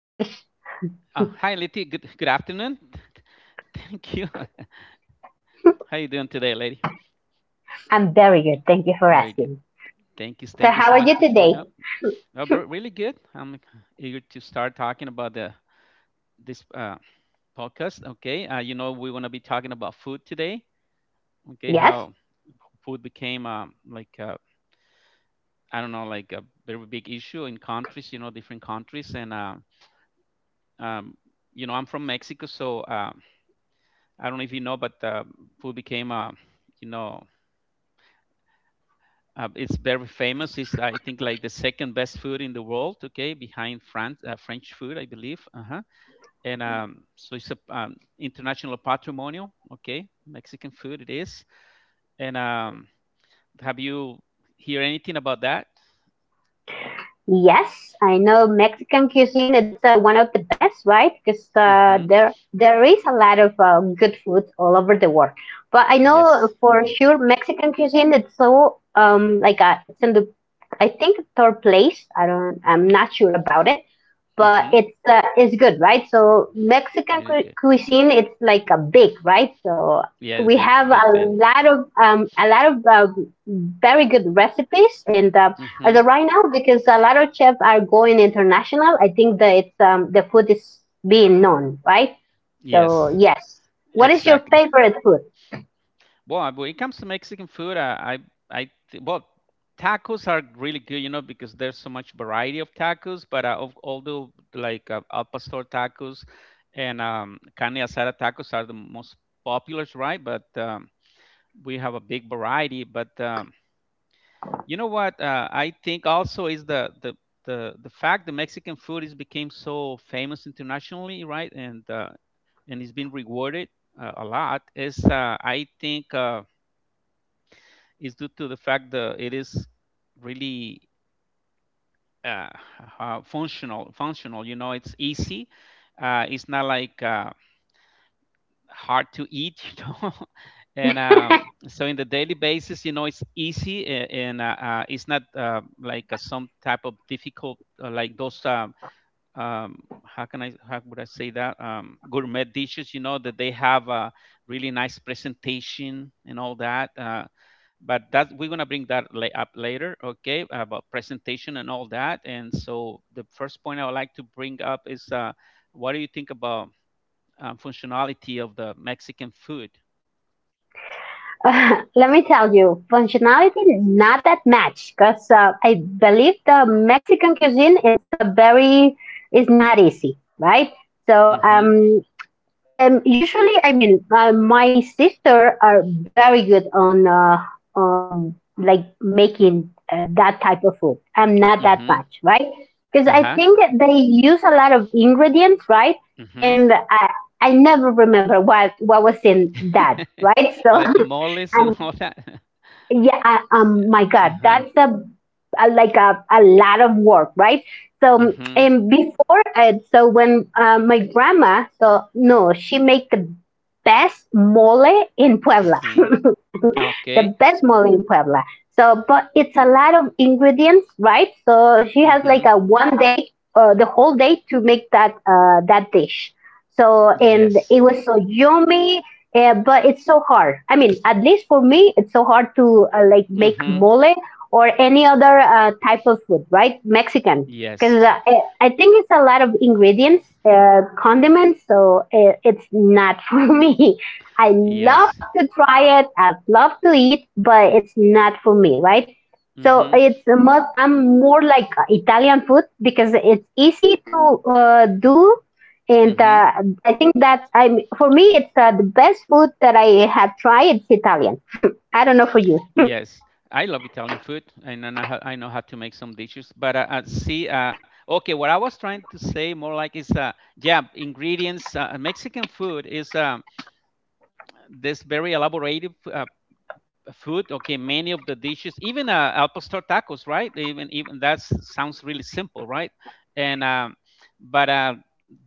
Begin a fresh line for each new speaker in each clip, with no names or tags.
English?
Hi, Leti. Good afternoon. Thank you. How you doing today, lady?
I'm very good. Thank you for
Very good.
asking.
Thank you.
So,
Thank you
how
so
are
much
you
for
today?
showing up. Bro, really good. I'm eager to start talking about the this podcast. Okay. You know, we want to be talking about food today. Okay,
Yes,
how food became I don't know, like a very big issue in countries. You know, different countries, and um, you know, I'm from Mexico, so I don't know if you know, but food became you know. It's very famous. It's I think like the second best food in the world. Okay, behind France, French food, I believe. Uh-huh. And so it's a international patrimonial. Okay, Mexican food it is. And have you hear anything about that?
yes. I know Mexican cuisine. It's one of the best, right? Because uh,
Mm-hmm.
there there is a lot of good food all over the world. But I know
Yes,
for
indeed.
sure Mexican cuisine. It's so like it's in the I think third place. I don't. I'm not sure about it. But
Mm-hmm.
it's good, right? So Mexican
Really good.
cuisine, it's like a big, right? So
Yeah,
we
big
have
big fan.
a lot of very good recipes, and as
Mm-hmm.
of right now, because a lot of chefs are going international, I think that it's the food is being known, right? So
Yes,
yes, what is your
exactly.
favorite food?
Well, when it comes to Mexican food, I th- well, tacos are really good, you know, because there's so much variety of tacos. But of- although like al pastor tacos and carne asada tacos are the most populars, right? But we have a big variety. But you know what? I think also is the fact that Mexican food is became so famous internationally, right? And it's been rewarded a lot. Is I think. Is due to the fact that it is really uh, functional. Functional, you know, it's easy. It's not like hard to eat, you know. And so, in the daily basis, you know, it's easy, and it's not some type of difficult, like those. Um, how can I? How would I say that? Gourmet dishes, you know, that they have a really nice presentation and all that. But that we're going to bring that up later, okay, about presentation and all that. And so the first point I would like to bring up is what do you think about functionality of the Mexican food?
Let me tell you, functionality not that much, because I believe the Mexican cuisine it's a very it's not easy, right? So
Mm-hmm.
usually I mean, my sister are very good on like making that type of food. I'm not that
Mm-hmm.
much, right? Because I
Uh-huh.
think that they use a lot of ingredients, right?
Mm-hmm.
And I never remember what was in that, right? So.
Like the moles and
And
all that.
yeah I, my god
Uh-huh.
that's a like a lot of work right, so
Mm-hmm.
and before so when my grandma so no she make the best mole in puebla.
Mm-hmm.
The
Okay.
best mole in Puebla. So, but it's a lot of ingredients, right? So she has like
Mm-hmm.
a one day, the whole day to make that that dish. So and
Yes.
it was so yummy, but it's so hard. I mean, at least for me, it's so hard to like make
Mm-hmm.
mole or any other type of food, right? Mexican, because
Yes.
I think it's a lot of ingredients, condiments, so it's not for me. I love
Yes.
to try it. I love to eat, but it's not for me, right? So
Mm-hmm.
it's a must. I'm more like Italian food because it's easy to do, and
Mm-hmm.
I think that's I'm for me it's the best food that I have tried. It's Italian. I don't know for you.
Yes, I love Italian food, and then I, ha- I know how to make some dishes. But see, okay, what I was trying to say more like is, yeah, ingredients. Mexican food is this very elaborative. Food. Okay, many of the dishes, even al pastor tacos, right, even that sounds really simple, right? and but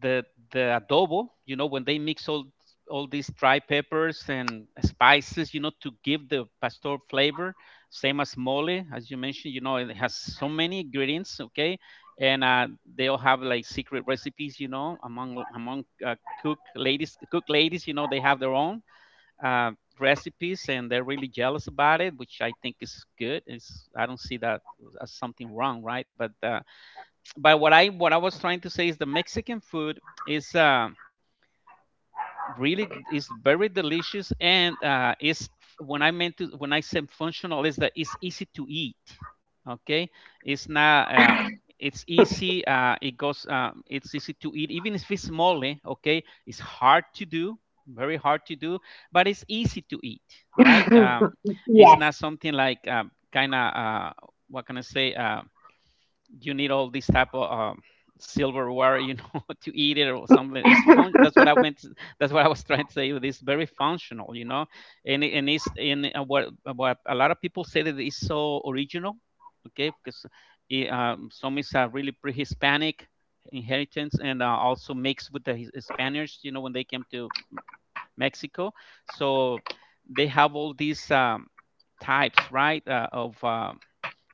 the adobo, you know, when they mix all these dry peppers and spices, you know, to give the pastor flavor, same as mole, as you mentioned, you know, it has so many ingredients. Okay, and they all have like secret recipes, you know, among cook ladies. Cook ladies, you know, they have their own uh, recipes, and they're really jealous about it, which I think is good. It's, I don't see that as something wrong, right? But what I was trying to say is the Mexican food is really is very delicious, and is, when I meant to, when I said functional, is that it's easy to eat. Okay, it's not. It's easy. It goes. It's easy to eat, even if it's mole. Okay, it's hard to do, very hard to do, but it's easy to eat, right? It's
Yes.
not something like what can I say? You need all this type of silverware, you know, to eat it or something. It's fun. That's what I meant. That's what I was trying to say. It is very functional, you know, and it's in what a lot of people say that it's so original. Okay, because it, some is really pre-Hispanic inheritance, and also mixed with the His- Spaniards, you know, when they came to Mexico. So they have all these types, right, of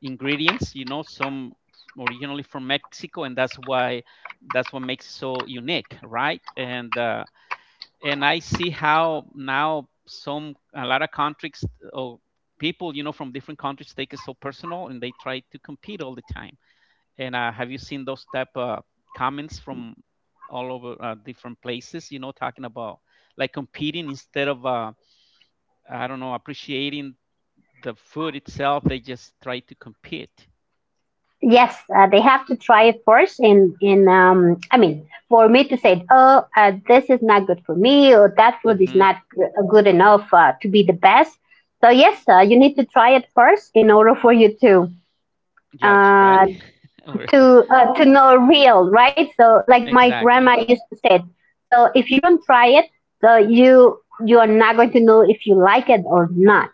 ingredients, you know, some originally from Mexico, and that's why, that's what makes it so unique, right? And and I see how now some, a lot of countries, or people, you know, from different countries take it so personal, and they try to compete all the time. And have you seen those type of comments from all over, different places, you know, talking about like competing instead of, I don't know, appreciating the food itself? They just try to compete.
Yes, they have to try it first. In I mean, for me to say, oh, this is not good for me, or that food is
Mm-hmm.
not good enough to be the best. So yes, you need to try it first in order for you to
Judge,
uh,
right? Or
to know real, right? So like my
exactly.
grandma used to say, so if you don't try it, so you you are not going to know if you like it or not.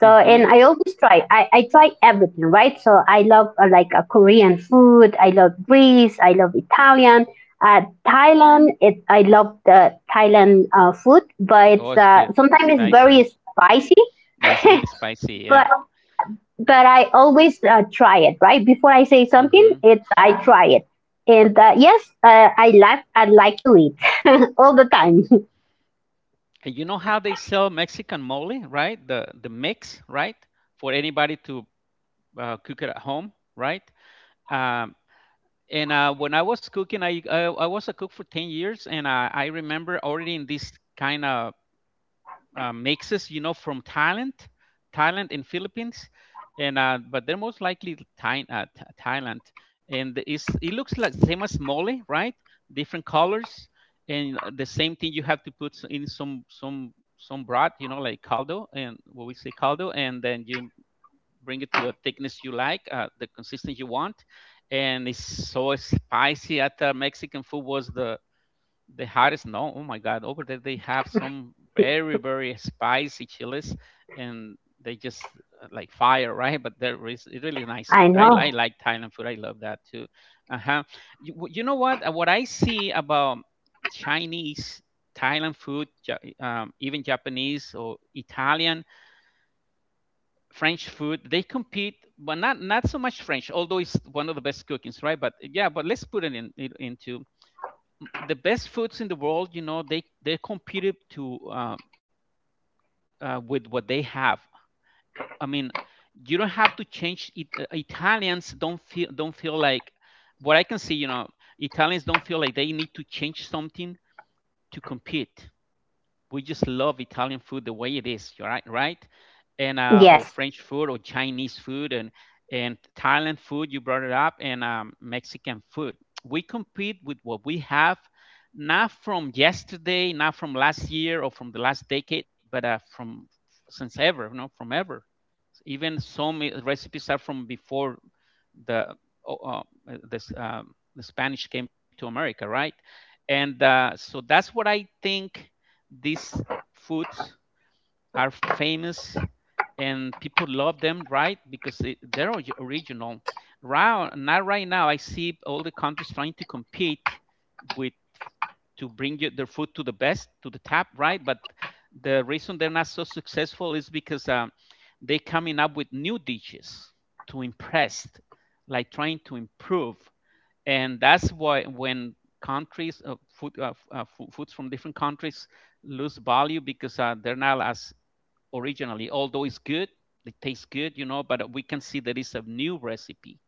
So
Mm-hmm.
and I always try. I try everything, right? So I love like Korean food. I love Greece. I love Italian. Thailand. It I love the Thailand food, but
Oh,
it's
it's good. It's
sometimes it's
spicy.
very spicy.
It's really spicy.
but
Yeah.
but I always try it, right? Before I say something,
Mm-hmm.
it's I try it, and yes, I like to eat all the time.
And you know how they sell Mexican mole, right? The mix, right? For anybody to cook it at home, right? Um, and when I was cooking, I was a cook for 10 years, and I remember already in this kind of mixes, you know, from Thailand, Thailand and Philippines, and but they're most likely Thai, Thailand, and it's, it looks like same as mole, right? Different colors, and the same thing, you have to put in some broth, you know, like caldo, and what we say caldo, and then you bring it to a thickness you like, the consistency you want, and it's so spicy. At the Mexican food was the hot snow. Oh my God, over there they have some very spicy chilies, and they just like fire, right? But there is, it's really nice.
I
I
know.
I like Thailand food. I love that too. Uh huh. You know what? What I see about Chinese, Thailand food, even Japanese or Italian, French food, they compete, but not so much French, although it's one of the best cookings, right? But yeah, but let's put it in into the best foods in the world, you know, they competed to with what they have. I mean, you don't have to change it. Italians don't feel like, what I can see, you know, Italians don't feel like they need to change something to compete. We just love Italian food the way it is, you're right, right? And or
Yes.
French food or Chinese food, and Thailand food, you brought it up, and Mexican food. We compete with what we have, not from yesterday, not from last year or from the last decade, but from since ever, you know, from ever. Even some I- recipes are from before the o- this the Spanish came to America, right? And so that's what I think this foods are famous and people love them, right? Because they, they're ori- original. Right now, right now, I see all the countries trying to compete with, to bring it- their food to the best, to the top, right? But the reason they're not so successful is because they coming up with new dishes to impress, like trying to improve, and that's why when countries food, foods from different countries lose value, because they're not as originally, although it's good, it tastes good, you know, but we can see there is a new recipe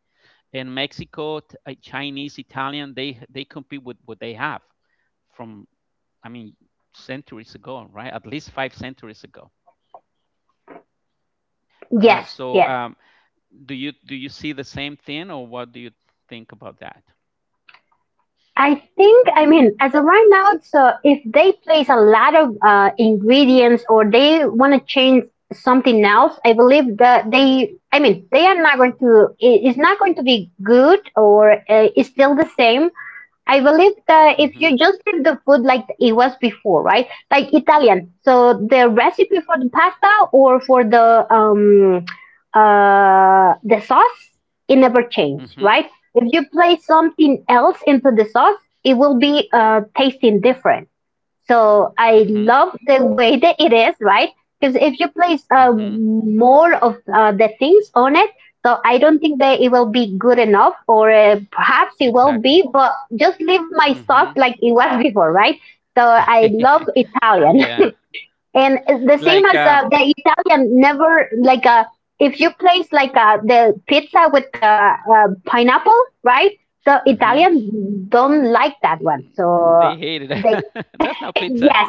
in Mexico. Chinese, Italian, they compete with what they have from, I mean, centuries ago, right? At least five centuries ago. uh,
Yes.
so
Yes.
um, do you, do you see the same thing, or what do you think about that?
I think, I mean, as of right now, so if they place a lot of ingredients or they want to change something else, I believe that they, I mean, they are not going to, it's not going to be good or it's still the same. I believe that if
Mhm.
you just leave the food like it was before, right? Like Italian. So the recipe for the pasta or for the sauce, it never changed, right?
Mhm.
If you place something else into the sauce, it will be tasting different. So I
Mhm.
love the way that it is, right? Because if you place
Mhm.
more of the things on it, so I don't think that it will be good enough, or perhaps it will
Exactly.
be, but just leave my sauce
Mhm.
like it was before, right? So I love Italian,
Yeah.
and it's the same as
Like um.
the Italian never like if you place like the pizza with the pineapple, right? The
Mhm.
Italian don't like that one.
Mm,
So
they hated
they
it. That's not pizza.
yes,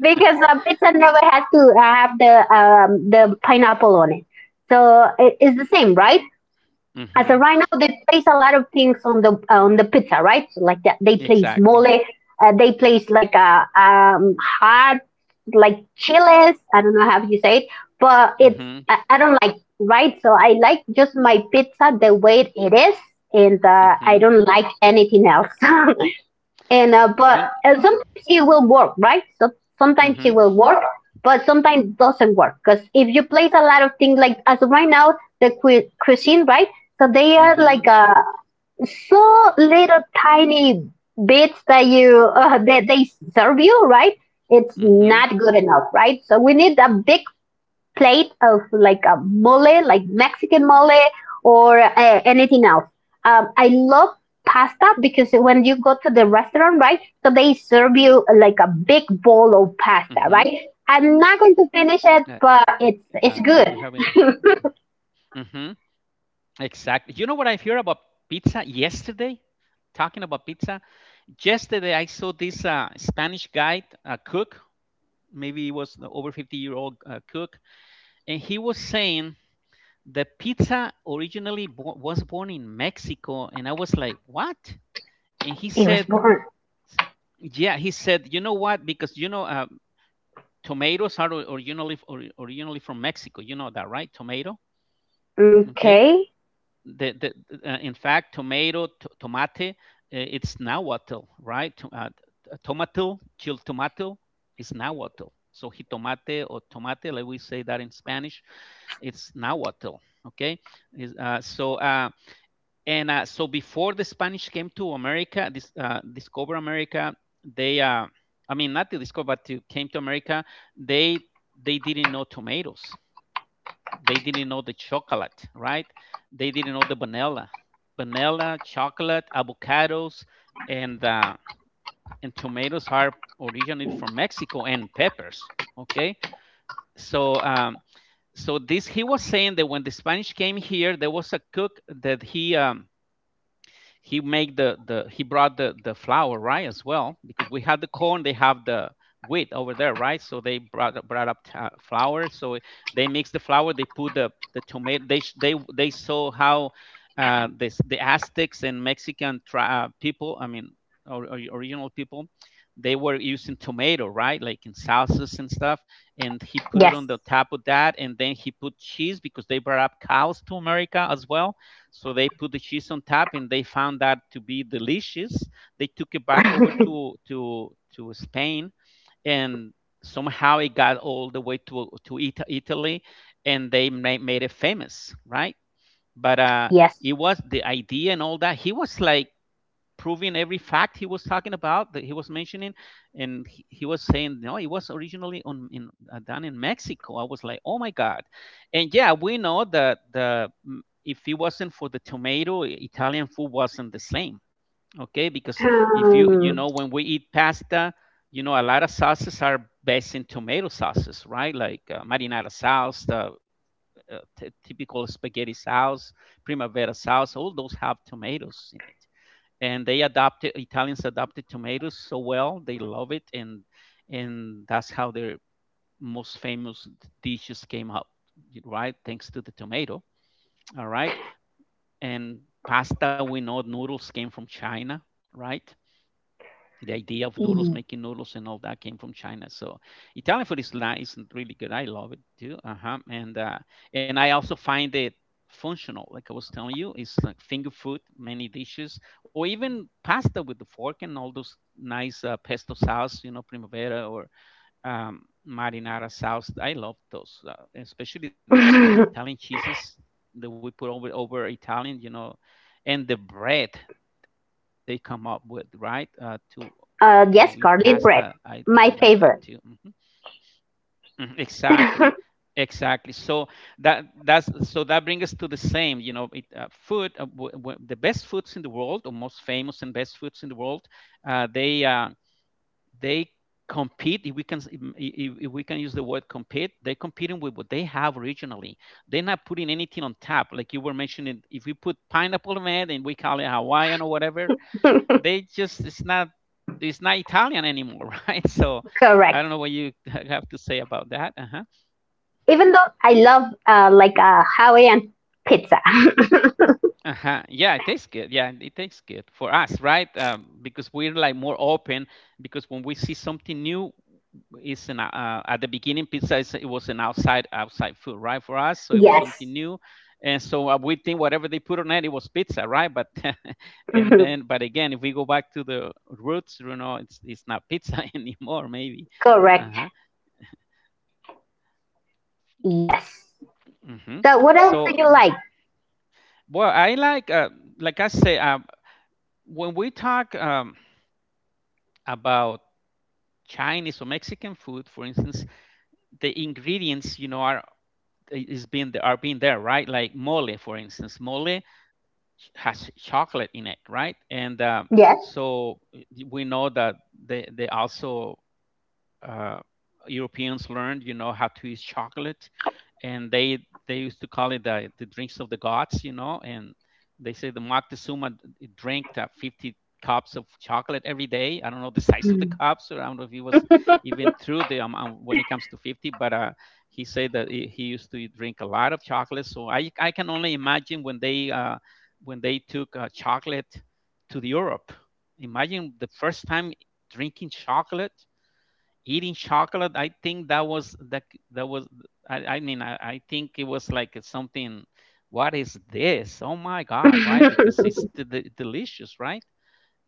because pizza never has to have the pineapple on it. So it's the same, right? As of
Mm-hmm.
right now, they place a lot of things on the pizza, right? So like that, they place mole,
Exactly.
they place like a hot like chiles. I don't know how you say it, but it's
Mm-hmm.
I don't like, right. So I like just my pizza the way it is, and I
Mm-hmm.
don't like anything else. And but
You.
and sometimes it will work, right? So sometimes it
Mm-hmm.
will work, but sometimes it doesn't work because if you place a lot of things like as of right now the cuisine, right? So they are like
Mm-hmm.
so little tiny bits that you that they serve you, right? It's
Mm-hmm.
not good enough, right? So we need a big plate of like a mole, like Mexican mole or anything else. I love pasta because when you go to the restaurant, right? So they serve you like a big bowl of
Mm-hmm.
pasta, right? I'm not going to finish
I,
it, but
I think we
it's
haven't.
good.
Mm-hmm. Exactly. You know what I heard about pizza yesterday? Talking about pizza, yesterday I saw this Spanish guy, a cook, maybe he was the over 50-year-old cook, and he was saying the pizza originally was born in Mexico, and I was like, what? And he
It
said,
was born.
yeah, he said, you know what, because you know tomatoes are originally from Mexico, you know that, right? Tomato, okay,
Okay.
the, in fact tomato, tomate, it's nahuatl, right? Tomato, chil tomato is nahuatl, so jitomate or tomate, like we say that in Spanish, it's nahuatl. Okay, is so and so before the Spanish came to America, this discover America, they I mean, not to discover, but to came to America, they they didn't know tomatoes. They didn't know the chocolate, right? They didn't know the vanilla. Vanilla, chocolate, avocados, and uh, and tomatoes are originally from Mexico and peppers. Okay, so um, so this he was saying that when the Spanish came here, there was a cook that he made the he brought the flour, right, as well, because we had the corn, they have the wheat over there, right? So they brought up flour. So they mix the flour, they put the tomato, they saw how this, the Aztecs and people, I mean or original people, they were using tomato, right, like in salsas and stuff. And he put
Yes.
it on the top of that, and then he put cheese, because they brought up cows to America as well. So they put the cheese on top, and they found that to be delicious. They took it back over to Spain, and somehow it got all the way to Italy, and they made it famous, right? But
Yes.
it was the idea and all that. He was like proving every fact he was talking about, that he was mentioning. And he was saying, no, it was originally on in done in Mexico. I was like, oh my god. And yeah, we know that if it wasn't for the tomato, Italian food wasn't the same. Okay, because if you
Um,
know, when we eat pasta, you know, a lot of sauces are based in tomato sauces, right, like marinara sauce, the typical spaghetti sauce, primavera sauce. All those have tomatoes in it. And they adopted, Italians adopted tomatoes so well, they love it. And that's how their most famous dishes came up, right, thanks to the tomato. All right. And pasta, we know noodles came from China, right? The idea of noodles, making noodles, and all that came from China. So Italian food is nice and really good. I love it too. Uh huh. And I also find it functional. Like I was telling you, it's like finger food, many dishes, or even pasta with the fork, and all those nice pesto sauce, you know, primavera or marinara sauce. I love those. Especially the the
uh,
Italian cheeses that we put over Italian, you know, and the bread they come up with, right? To eat pasta, I
yes,
really like
garlic
that
bread.
too. Hmm.
My favorite.
Mhm. Exactly, exactly. So that that's so that brings us to the same, you know, it, food. The best foods in the world, or most famous and best foods in the world, uh, they uh, they compete, if we can if we can use the word compete. They're competing with what they have originally. They're not putting anything on top, like you were mentioning. If we put pineapple on it and we call it Hawaiian or whatever, they just, it's not, it's not Italian anymore right? So I
Correct.
don't know what you have to say about that. Uh-huh.
Even though I love like Hawaiian pizza.
Uh-huh. Yeah, it tastes good. Yeah, it tastes good for us, right? Because we're like more open. Because when we see something new, it's an at the beginning pizza is, it was an outside food, right? For us, so it was
Yes,
something new, and so we think whatever they put on it, it was pizza, right? But and
mhm.
then, but again, if we go back to the roots, you know, it's not pizza anymore, maybe.
Correct.
Uh-huh.
Yes.
Hmm.
So, what else do
So,
you like?
well, I like I say, when we talk about Chinese or Mexican food, for instance, the ingredients, you know, are being there, right? Like mole, for instance, mole has chocolate in it, right? And
Yes,
So we know that they also uh, Europeans learned, you know, how to use chocolate. And they used to call it the drinks of the gods, you know. And they say the Moctezuma drank 50 cups of chocolate every day. I don't know the size of the
mm.
cups, or I don't know if he was even through the amount, when it comes to 50. But He said that he used to drink a lot of chocolate. So I can only imagine when they took chocolate to the Europe. Imagine the first time drinking chocolate, eating chocolate. I think that was that was I mean, I think it was like it's something, what is this, oh my god, right? Because it's delicious, right?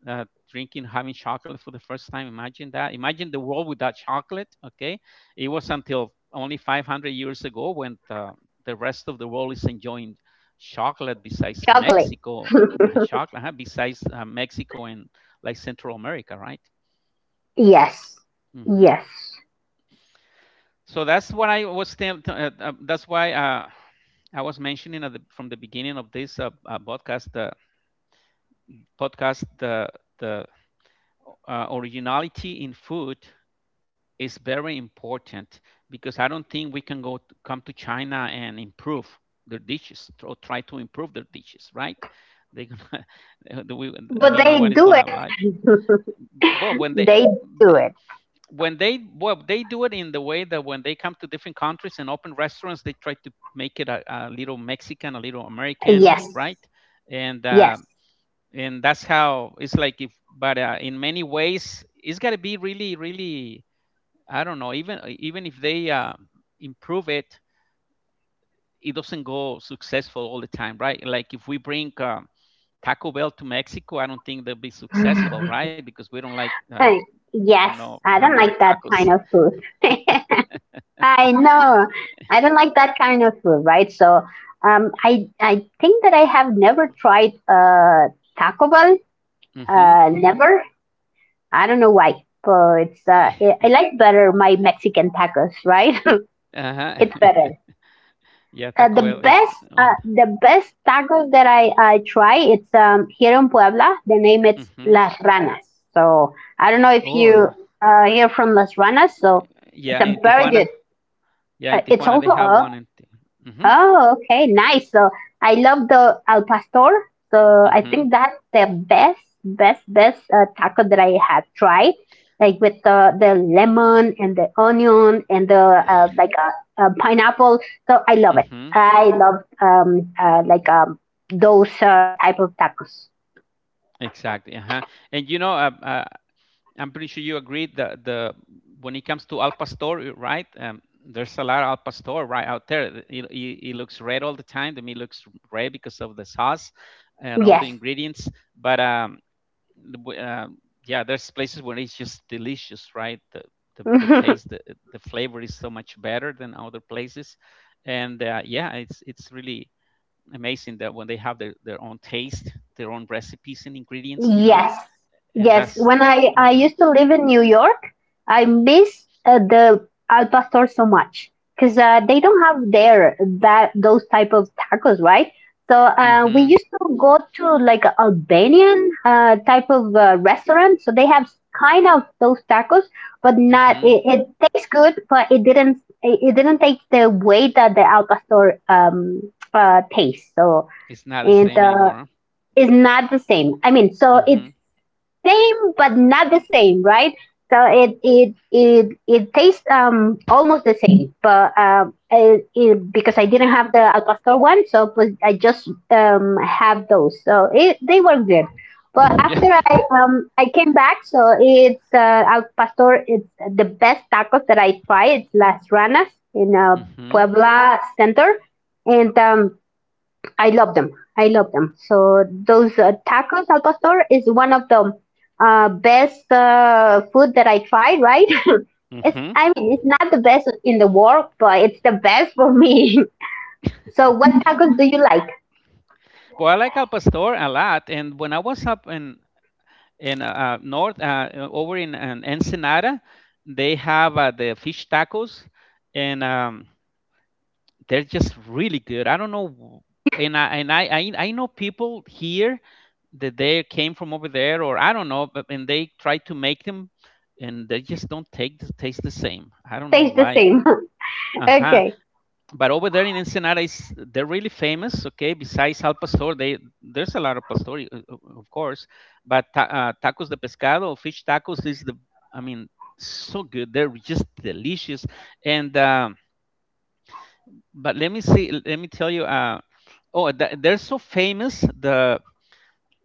uh, Drinking, having chocolate for the first time. Imagine that. Imagine the world without chocolate. Okay, it was until only 500 years ago when the rest of the world is enjoying chocolate besides
Chocolate.
Mexico. Chocolate, huh, besides Mexico and like Central America, right?
Yes,
Hmm.
yes.
So that's what I was. That's why I was mentioning at the, from the beginning of this podcast. Podcast the originality in food is very important, because I don't think we can go to, come to China and improve their dishes, or try to improve their dishes, right? They're gonna we- I
But
mean, no
they
one is
do it.
gonna like. But when they,
They do it.
when they, well, they do it in the way that when they come to different countries and open restaurants, they try to make it a little Mexican, a little American,
Yes,
right? and uh,
yes.
and that's how it's like, if but in many ways it's got to be really, really, I don't know, even if they improve it, it doesn't go successful all the time, right? Like if we bring Taco Bell to Mexico, I don't think they'll be successful, right? Because we don't like
Uh,
you
yes.
know,
I don't
hamburger
like that
tacos.
kind of food. I know. I don't like that kind of food, right? So, I think that I have never tried Taco Bell.
Hmm.
Never. I don't know why, but it's uh, I I like better my Mexican tacos, right?
Ajá.
It's better.
Yeah, Taco Bell is one of
The best tacos that I try it's here in Puebla. The name
the.
it's
Mhm.
Las Ranas. So I don't know if
Oh, yeah.
you hear from Las Ranas. So
Yeah,
it's
in
a very
Tijuana.
good.
Yeah, in
It's
Tijuana, they
also
have one in Ti. Mhm,
Oh, okay, nice. So I love the al pastor. So I
mhm.
think that's the best, best, best taco that I have tried, like with the lemon and the onion and the pineapple. So I love it.
Mhm.
I love those type of tacos.
Exactly, uh-huh. And, you know, I'm pretty sure you agreed that the, when it comes to Al Pastor, right? There's a lot of Al Pastor right out there. The- It looks red all the time. The meat looks red because of the sauce and all the
Yes.
ingredients. But um, the w- uh, yeah, there's places where it's just delicious, right? The the taste, the flavor is so much better than other places. And Yeah, it's really amazing that when they have their own taste, their own recipes and ingredients, you know.
Yes,
And
yes.
that's.
When I
Mm-hmm,
used to live in New York, I miss the al pastor so much because they don't have there that those type of tacos, right? So we
mm-hmm,
used to go to like a Albanian type of restaurant. So they have kind of those tacos, but not
mm-hmm.
it tastes good, but it didn't take the way that the al pastor tastes. So
It's not the
and
same anymore.
is not the same. I mean,
Huh?
so it's
Mm-hmm.
same but not the same, right? So it tastes almost the same, but because I didn't have the al pastor one, so but I just have those. So it they were good, but after
Yeah.
I came back, so it's al pastor. It's the best tacos that I try. It's Las Ranas in
Mm-hmm.
Puebla Center, and I love them. I love them. So those tacos al pastor is one of the best food that I tried. Right? It's
Mm-hmm.
I mean it's not the best in the world, but it's the best for me. So what tacos do you like?
Well, I like al pastor a lot. And when I was up in in uh, north, over in, Ensenada, they have the fish tacos, and they're just really good. I don't know. And I, and I know people here that they came from over there, or I don't know, but, and they try to make them, and they just don't take the taste the same. I don't know
Tastes the
why.
same.
Uh huh.
Okay.
But over there in Ensenada, is they're really famous. Okay, besides al pastor, they, there's a lot of pastor, of course. But tacos de pescado, fish tacos is the, I mean, so good. They're just delicious. And But let me see, let me tell you, oh, they're so famous. The,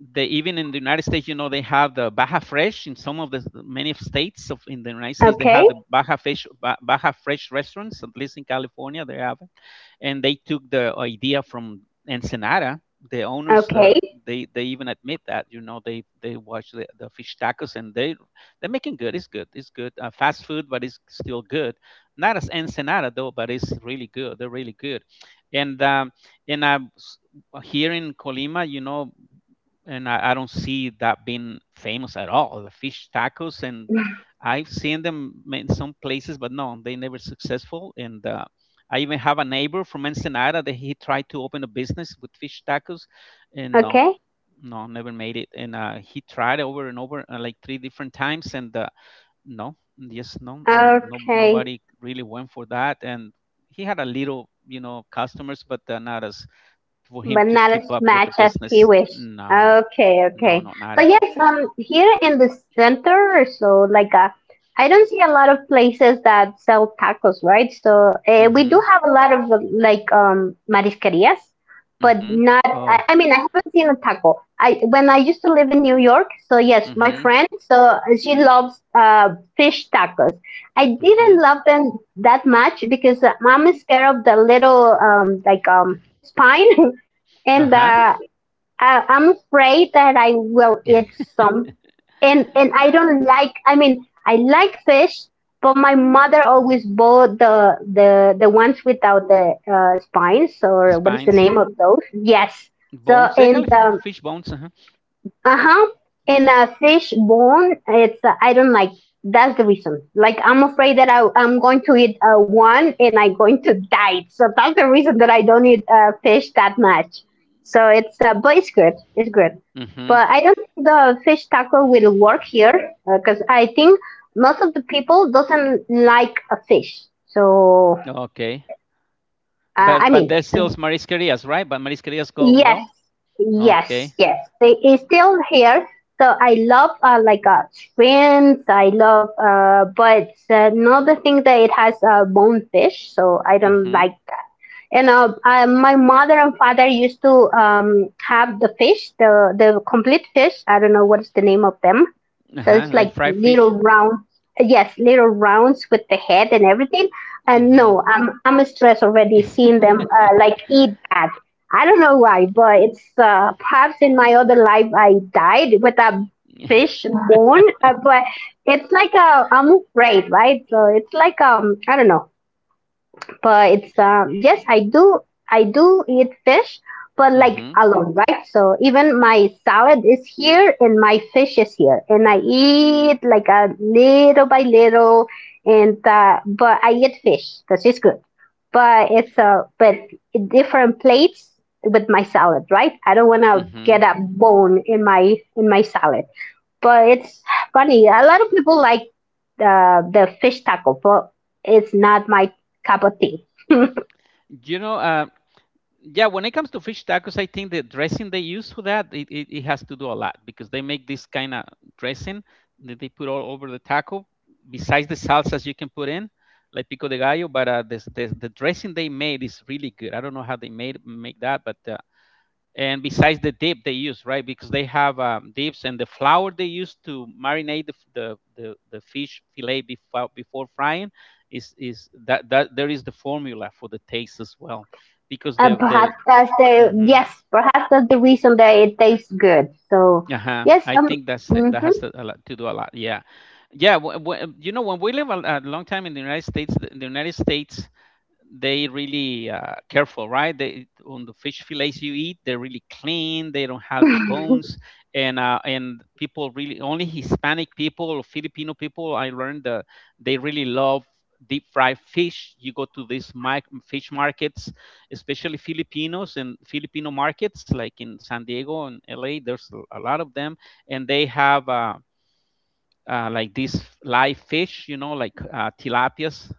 they even in the United States, you know, they have the Baja Fresh in some of the many of states of in the United States. They have
Okay.
the Baja Fresh restaurants. At least in California, they have. And they took the idea from Ensenada. The owners,
Okay.
they even admit that, you know, they watch the fish tacos and they, they're making good. It's good. It's good. Fast food, but it's still good. Not as Ensenada though, but it's really good. They're really good. And um, and uh, s- Here in Colima, you know, and I don't see that being famous at all. The fish tacos. And I've seen them in some places, but no, they never successful. And I even have a neighbor from Ensenada that he tried to open a business with fish tacos, and no,
Okay.
no, never made it. And He tried over and over, like three different times, and no, yes, no, no, no,
Okay.
nobody really went for that. And he had a little, you know, customers, but not as for him
But
to
not as
keep up with
much
the
as he
business.
wished.
No,
Okay,
no,
okay.
no, not
So
at all.
yes, here in the center, so like I don't see a lot of places that sell tacos, right? So we do
Mhm.
have a lot of marisquerias, but
Mhm.
not.
Oh.
I mean, I haven't seen a taco. I when I used to live in New York, so yes, my
Mhm.
friend, so she loves fish tacos. I
Mhm.
didn't love them that much because I'm scared of the little spine. And
Uh-huh.
I'm afraid that I will eat some. And I don't like. I mean, I like fish, but my mother always bought the the ones without the spines
The
or what is the
spines,
name of those? Yes. So
bones. They're kind
and
of fish bones. Uh-huh.
uh-huh. And fish bone, it's I don't like. That's the reason. Like I'm afraid that I'm going to eat one and I'm going to die. So that's the reason that I don't eat fish that much. So it's but it's good. It's good.
Mhm.
But I don't think the fish taco will work here because I think most of the people doesn't like a fish. So
Okay.
I
But
mean,
there's still marisquerias, right? But marisquerias go
yes,
well. Okay.
yes, yes. They is still here. So I love like shrimps. I love, but another thing that it has bonefish. So I don't
Mhm.
like, and my mother and father used to have the fish, the complete fish. I don't know what is the name of them. So
Uh-huh.
it's
Like
like
fried
little
fish.
round, yes, little rounds with the head and everything. And
Mhm.
no, I'm stressed already seeing them like eat that. I don't know why, but it's perhaps in my other life I died with a
Mhm.
fish bone, but it's like I'm afraid, right? So it's like I don't know, but it's yes, I do eat fish, but like
Mhm.
alone, right? So even my salad is here and my fish is here, and I eat like a little by little, and but I eat fish because it's good. But it's but different plates with my salad, right? I don't want to get
Mhm.
a bone in my salad. But it's funny. A lot of people like the fish taco, but it's not my cup of tea.
You know, uh, Yeah, when it comes to fish tacos, I think the dressing they use for that it has to do a lot because they make this kind of dressing that they put all over the taco. Besides the salsas you can put in, like pico de gallo, but this the dressing they made is really good. I don't know how they made make that, but and besides the dip they use, right? Because they have dips, and the flour they use to marinate the f- the fish fillet before frying is that there is the formula for the taste as well, because the
Perhaps that's the
Mm-hmm.
yes. Perhaps that's the reason that it tastes good. So
Uh-huh.
yes,
I think that has to, a lot to do a lot. Yeah, yeah. When we live a long time in the United States, the United States, they really careful, right? They, on the fish fillets you eat, they're really clean. They don't have the
mm-hmm.
bones, and people, really only Hispanic people or Filipino people. I learned that they really love deep fried fish. You go to these fish markets, especially Filipinos and Filipino markets, like in San Diego and LA. There's a lot of them, and they have. Like these live fish, like tilapias,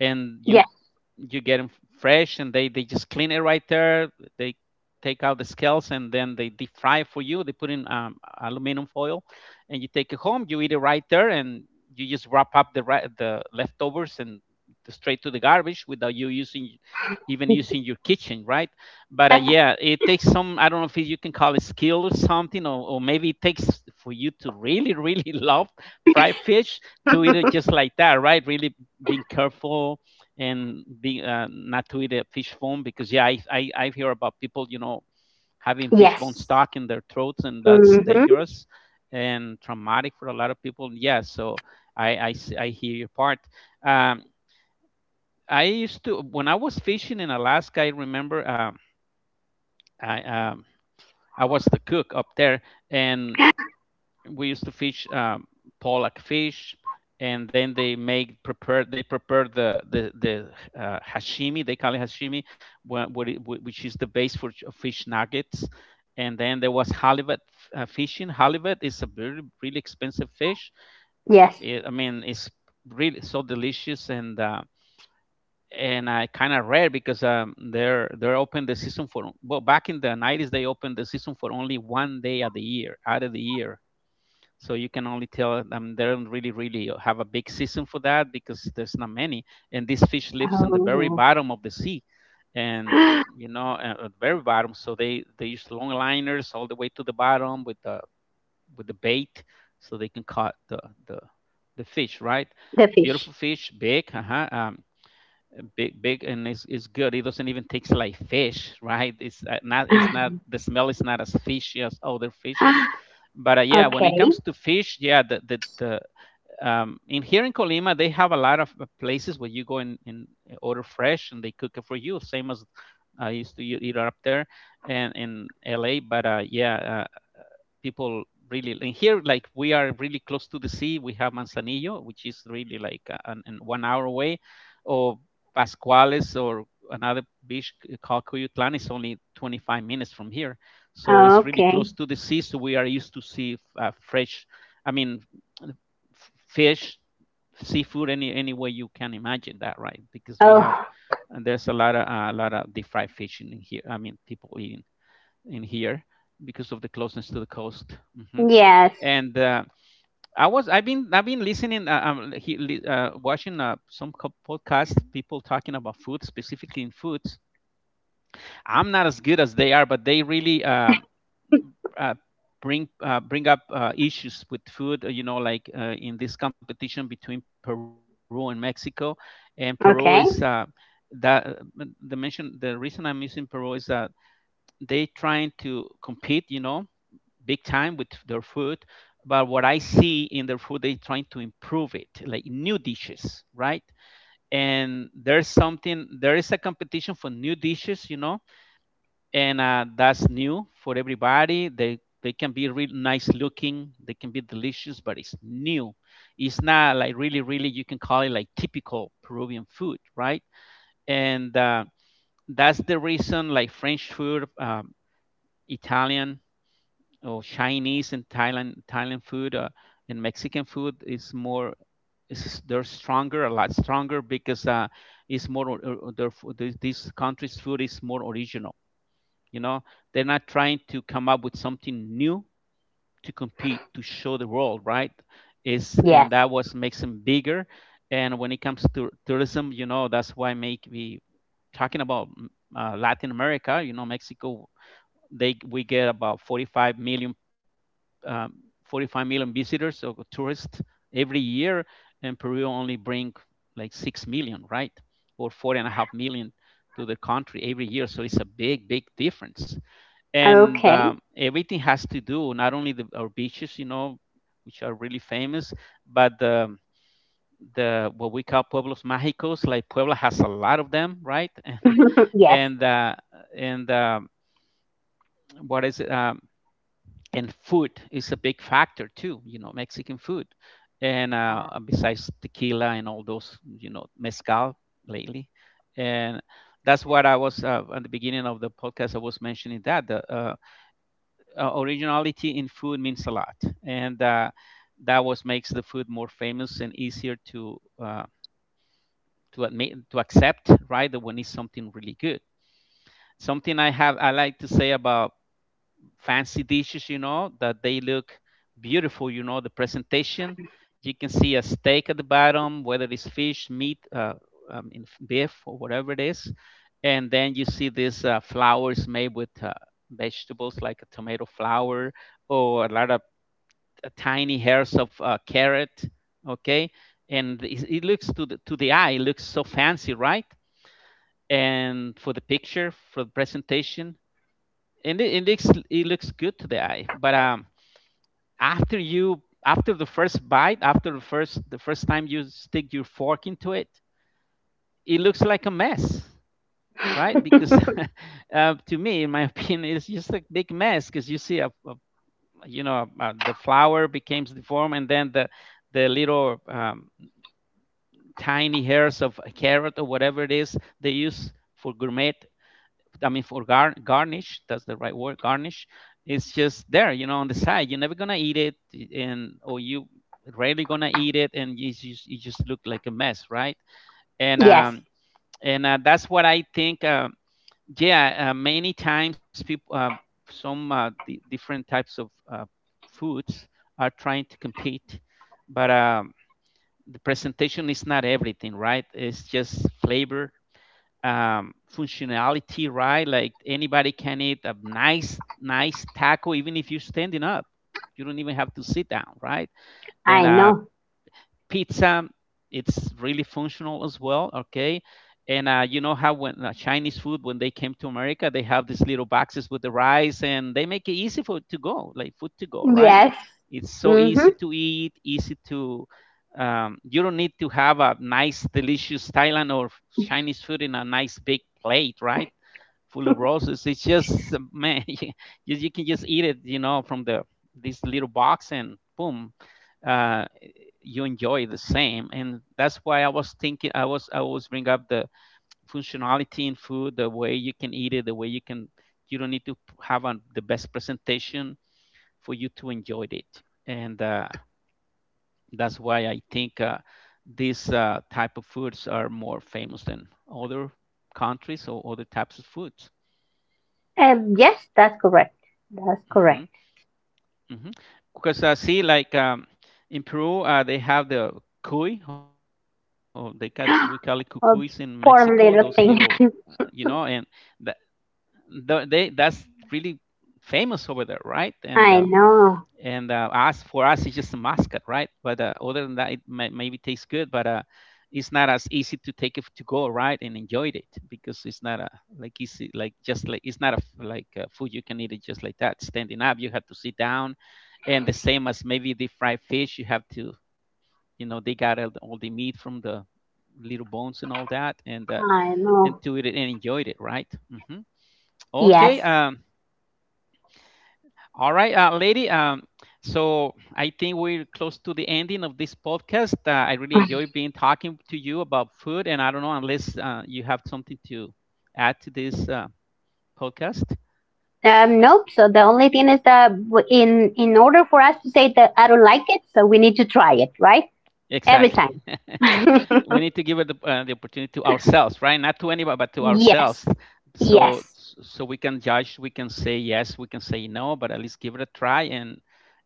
and you
Yes,
you get them fresh, and they just clean it right there. They take out the scales and then they deep fry for you. They put in aluminum foil, and you take it home, you eat it right there, and you just wrap up the leftovers and straight to the garbage without you using even using your kitchen, right? But yeah, it takes some, I don't know if you can call it skill or something, or maybe it takes for you to really really love fried fish to eat it just like that, right? Really being careful and be not to eat a fish bone, because yeah, I hear about people, having fish bone
yes,
stuck in their throats, and that's
mm-hmm.
dangerous and traumatic for a lot of people. Yeah, so I hear your part. um I used to, when I was fishing in Alaska, I remember, i um I was the cook up there, and we used to fish pollock fish. And then they prepare the hashimi, they call it hashimi, which is the base for fish nuggets. And then there was halibut. Fishing halibut is a very really expensive fish.
Yes.
I mean, it's really so delicious, and I, kind of rare, because they're open the season for, well, back in the 90s they opened the season for only one day of the year out of the year, so you can only tell them they don't, really, really have a big season for that, because there's not many. And this fish lives in the very
Oh,
bottom of the sea, and at the very bottom. So they use long liners all the way to the bottom with the bait, so they can caught the the fish, right?
the fish.
Beautiful fish, big. Uh-huh. Big, and it's good. It doesn't even taste like fish, right? It's not it's not, the smell is not as fishy as other fishes. But yeah, when it
Okay,
comes to fish, yeah, the in here in Colima they have a lot of places where you go and order fresh and they cook it for you, same as I used to eat it up there and in LA. But yeah, people, really. And here, like, we are really close to the sea. We have Manzanillo, which is really like an 1 hour away, or Pascuales, or another beach called Cuyutlan, is only 25 minutes from here. So it's really close
okay.
to the sea, so we are used to see fresh, I mean, fish, seafood, any way you can imagine that, right? Because we have,
Oh,
and there's a lot of deep fried fish in here. I mean, people eating in here because of the closeness to the coast. Hmm.
yes.
And I was, I've been watching some podcast, people talking about food, specifically in foods. I'm not as good as they are, but they really uh, bring up issues with food. Like in this competition between Peru and Mexico, and Peru is.
Okay,
That the mention The reason I'm using Peru is that they trying to compete, big time with their food. But what I see in their food, they trying to improve it, like new dishes, right? And there's, something there is a competition for new dishes, and that's new for everybody. They can be really nice looking, they can be delicious, but it's new, it's not like really really you can call it like typical Peruvian food, right? And that's the reason, like French food, Italian, or Chinese, and Thailand food, and Mexican food is more, is, they're stronger, a lot stronger, because it's more their food, these countries' food is more original, you know they're not trying to come up with something new to compete, to show the world, right? Is, and
yes.
that was makes them bigger. And when it comes to tourism, that's why make we talking about, Latin America, Mexico, they we get about 45 million, um, 45 million visitors or tourists every year, and Peru only bring like 6 million, right? Or 4.5 million to the country every year. So it's a big, big difference. And
Okay,
everything has to do, not only our beaches, which are really famous, but the what we call pueblos mágicos, like Puebla has a lot of them, right?
yes,
and uh, and What is it? And food is a big factor too, Mexican food. And besides tequila and all those, mezcal lately. And that's what I was, at the beginning of the podcast, I was mentioning that the originality in food means a lot. And that was makes the food more famous and easier to, uh, to admit to accept, right? That when it's something really good, something I like to say about fancy dishes, you know, that they look beautiful, you know, the presentation. You can see a steak at the bottom, whether it's fish, meat, beef, or whatever it is. And then you see these flowers made with vegetables, like a tomato flower, or a lot of tiny hairs of carrot. Okay. And it looks to to the eye, it looks so fancy, right? And for the picture, for the presentation, and it looks, it looks good to the eye, but after you, after the first bite, after the first time you stick your fork into it, it looks like a mess, right? Because to me, in my opinion, it's just a big mess, because you see a the flower becomes deformed, and then the little tiny hairs of a carrot or whatever it is they use for gourmet, I mean, for garnish, that's the right word, garnish. It's just there, you know, on the side. You're never gonna eat it, and or you rarely gonna eat it, and you just, you just look like a mess, right? And
yes.
um and that's what I think. Yeah, many times people, some di different types of foods are trying to compete, but the presentation is not everything, right? It's just flavor, functionality, right? Like anybody can eat a nice, nice taco, even if you're standing up. You don't even have to sit down, right?
I
And
know.
pizza, it's really functional as well. Okay. And you know how, when Chinese food, when they came to America, they have these little boxes with the rice and they make it easy for it to go, like food to go, right?
Yes.
It's so
Mm-hmm.
easy to eat, easy to, you don't need to have a nice delicious Thailand or Chinese food in a nice big plate, right, full of roses. It's just, man, you can just eat it, you know, from the this little box, and boom, uh, you enjoy the same. And that's why I was thinking I was I always bring up the functionality in food, the way you can eat it, the way you can, you don't need to have the best presentation for you to enjoy it. And that's why I think these type of foods are more famous than other countries or other types of foods.
Yes, that's correct. That's
Mhm.
correct.
Mhm. Because see, like in Peru, they have the cuy, or we call it cucuys in Mexico.
Oh,
Those little,
poor little thing.
and that the, they that's really famous over there, right?
I
And
know.
us for us it's just a mascot, right? But other than that, it maybe tastes good, but it's not as easy to take it to go, right, and enjoy it, because it's not a, like easy, like, just like, it's not a like a food you can eat it just like that standing up, you have to sit down. And the same as maybe the fried fish, you have to, you know, they got all the meat from the little bones and all that,
I
and
know.
to eat it and enjoyed it, right? Hmm. Okay.
Yes.
All right, lady. So I think we're close to the ending of this podcast. I really enjoy being talking to you about food, and I don't know, unless you have something to add to this podcast.
Nope. So the only thing is that in order for us to say that I don't like it, so we need to try it, right? Every
Exactly.
time.
We need to give it the opportunity to ourselves, right? Not to anybody, but to ourselves.
Yes.
So
Yes.
so we can judge, we can say yes, we can say no, but at least give it a try, and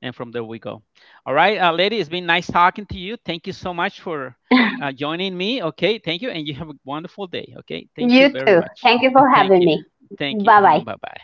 from there we go. All right, lady, it's been nice talking to you. Thank you so much for joining me. Okay, thank you, and you have a wonderful day. Okay, thank you
You
very
too.
much.
Thank you for
Thank
having
you,
me.
thank you.
Bye bye.
Bye bye.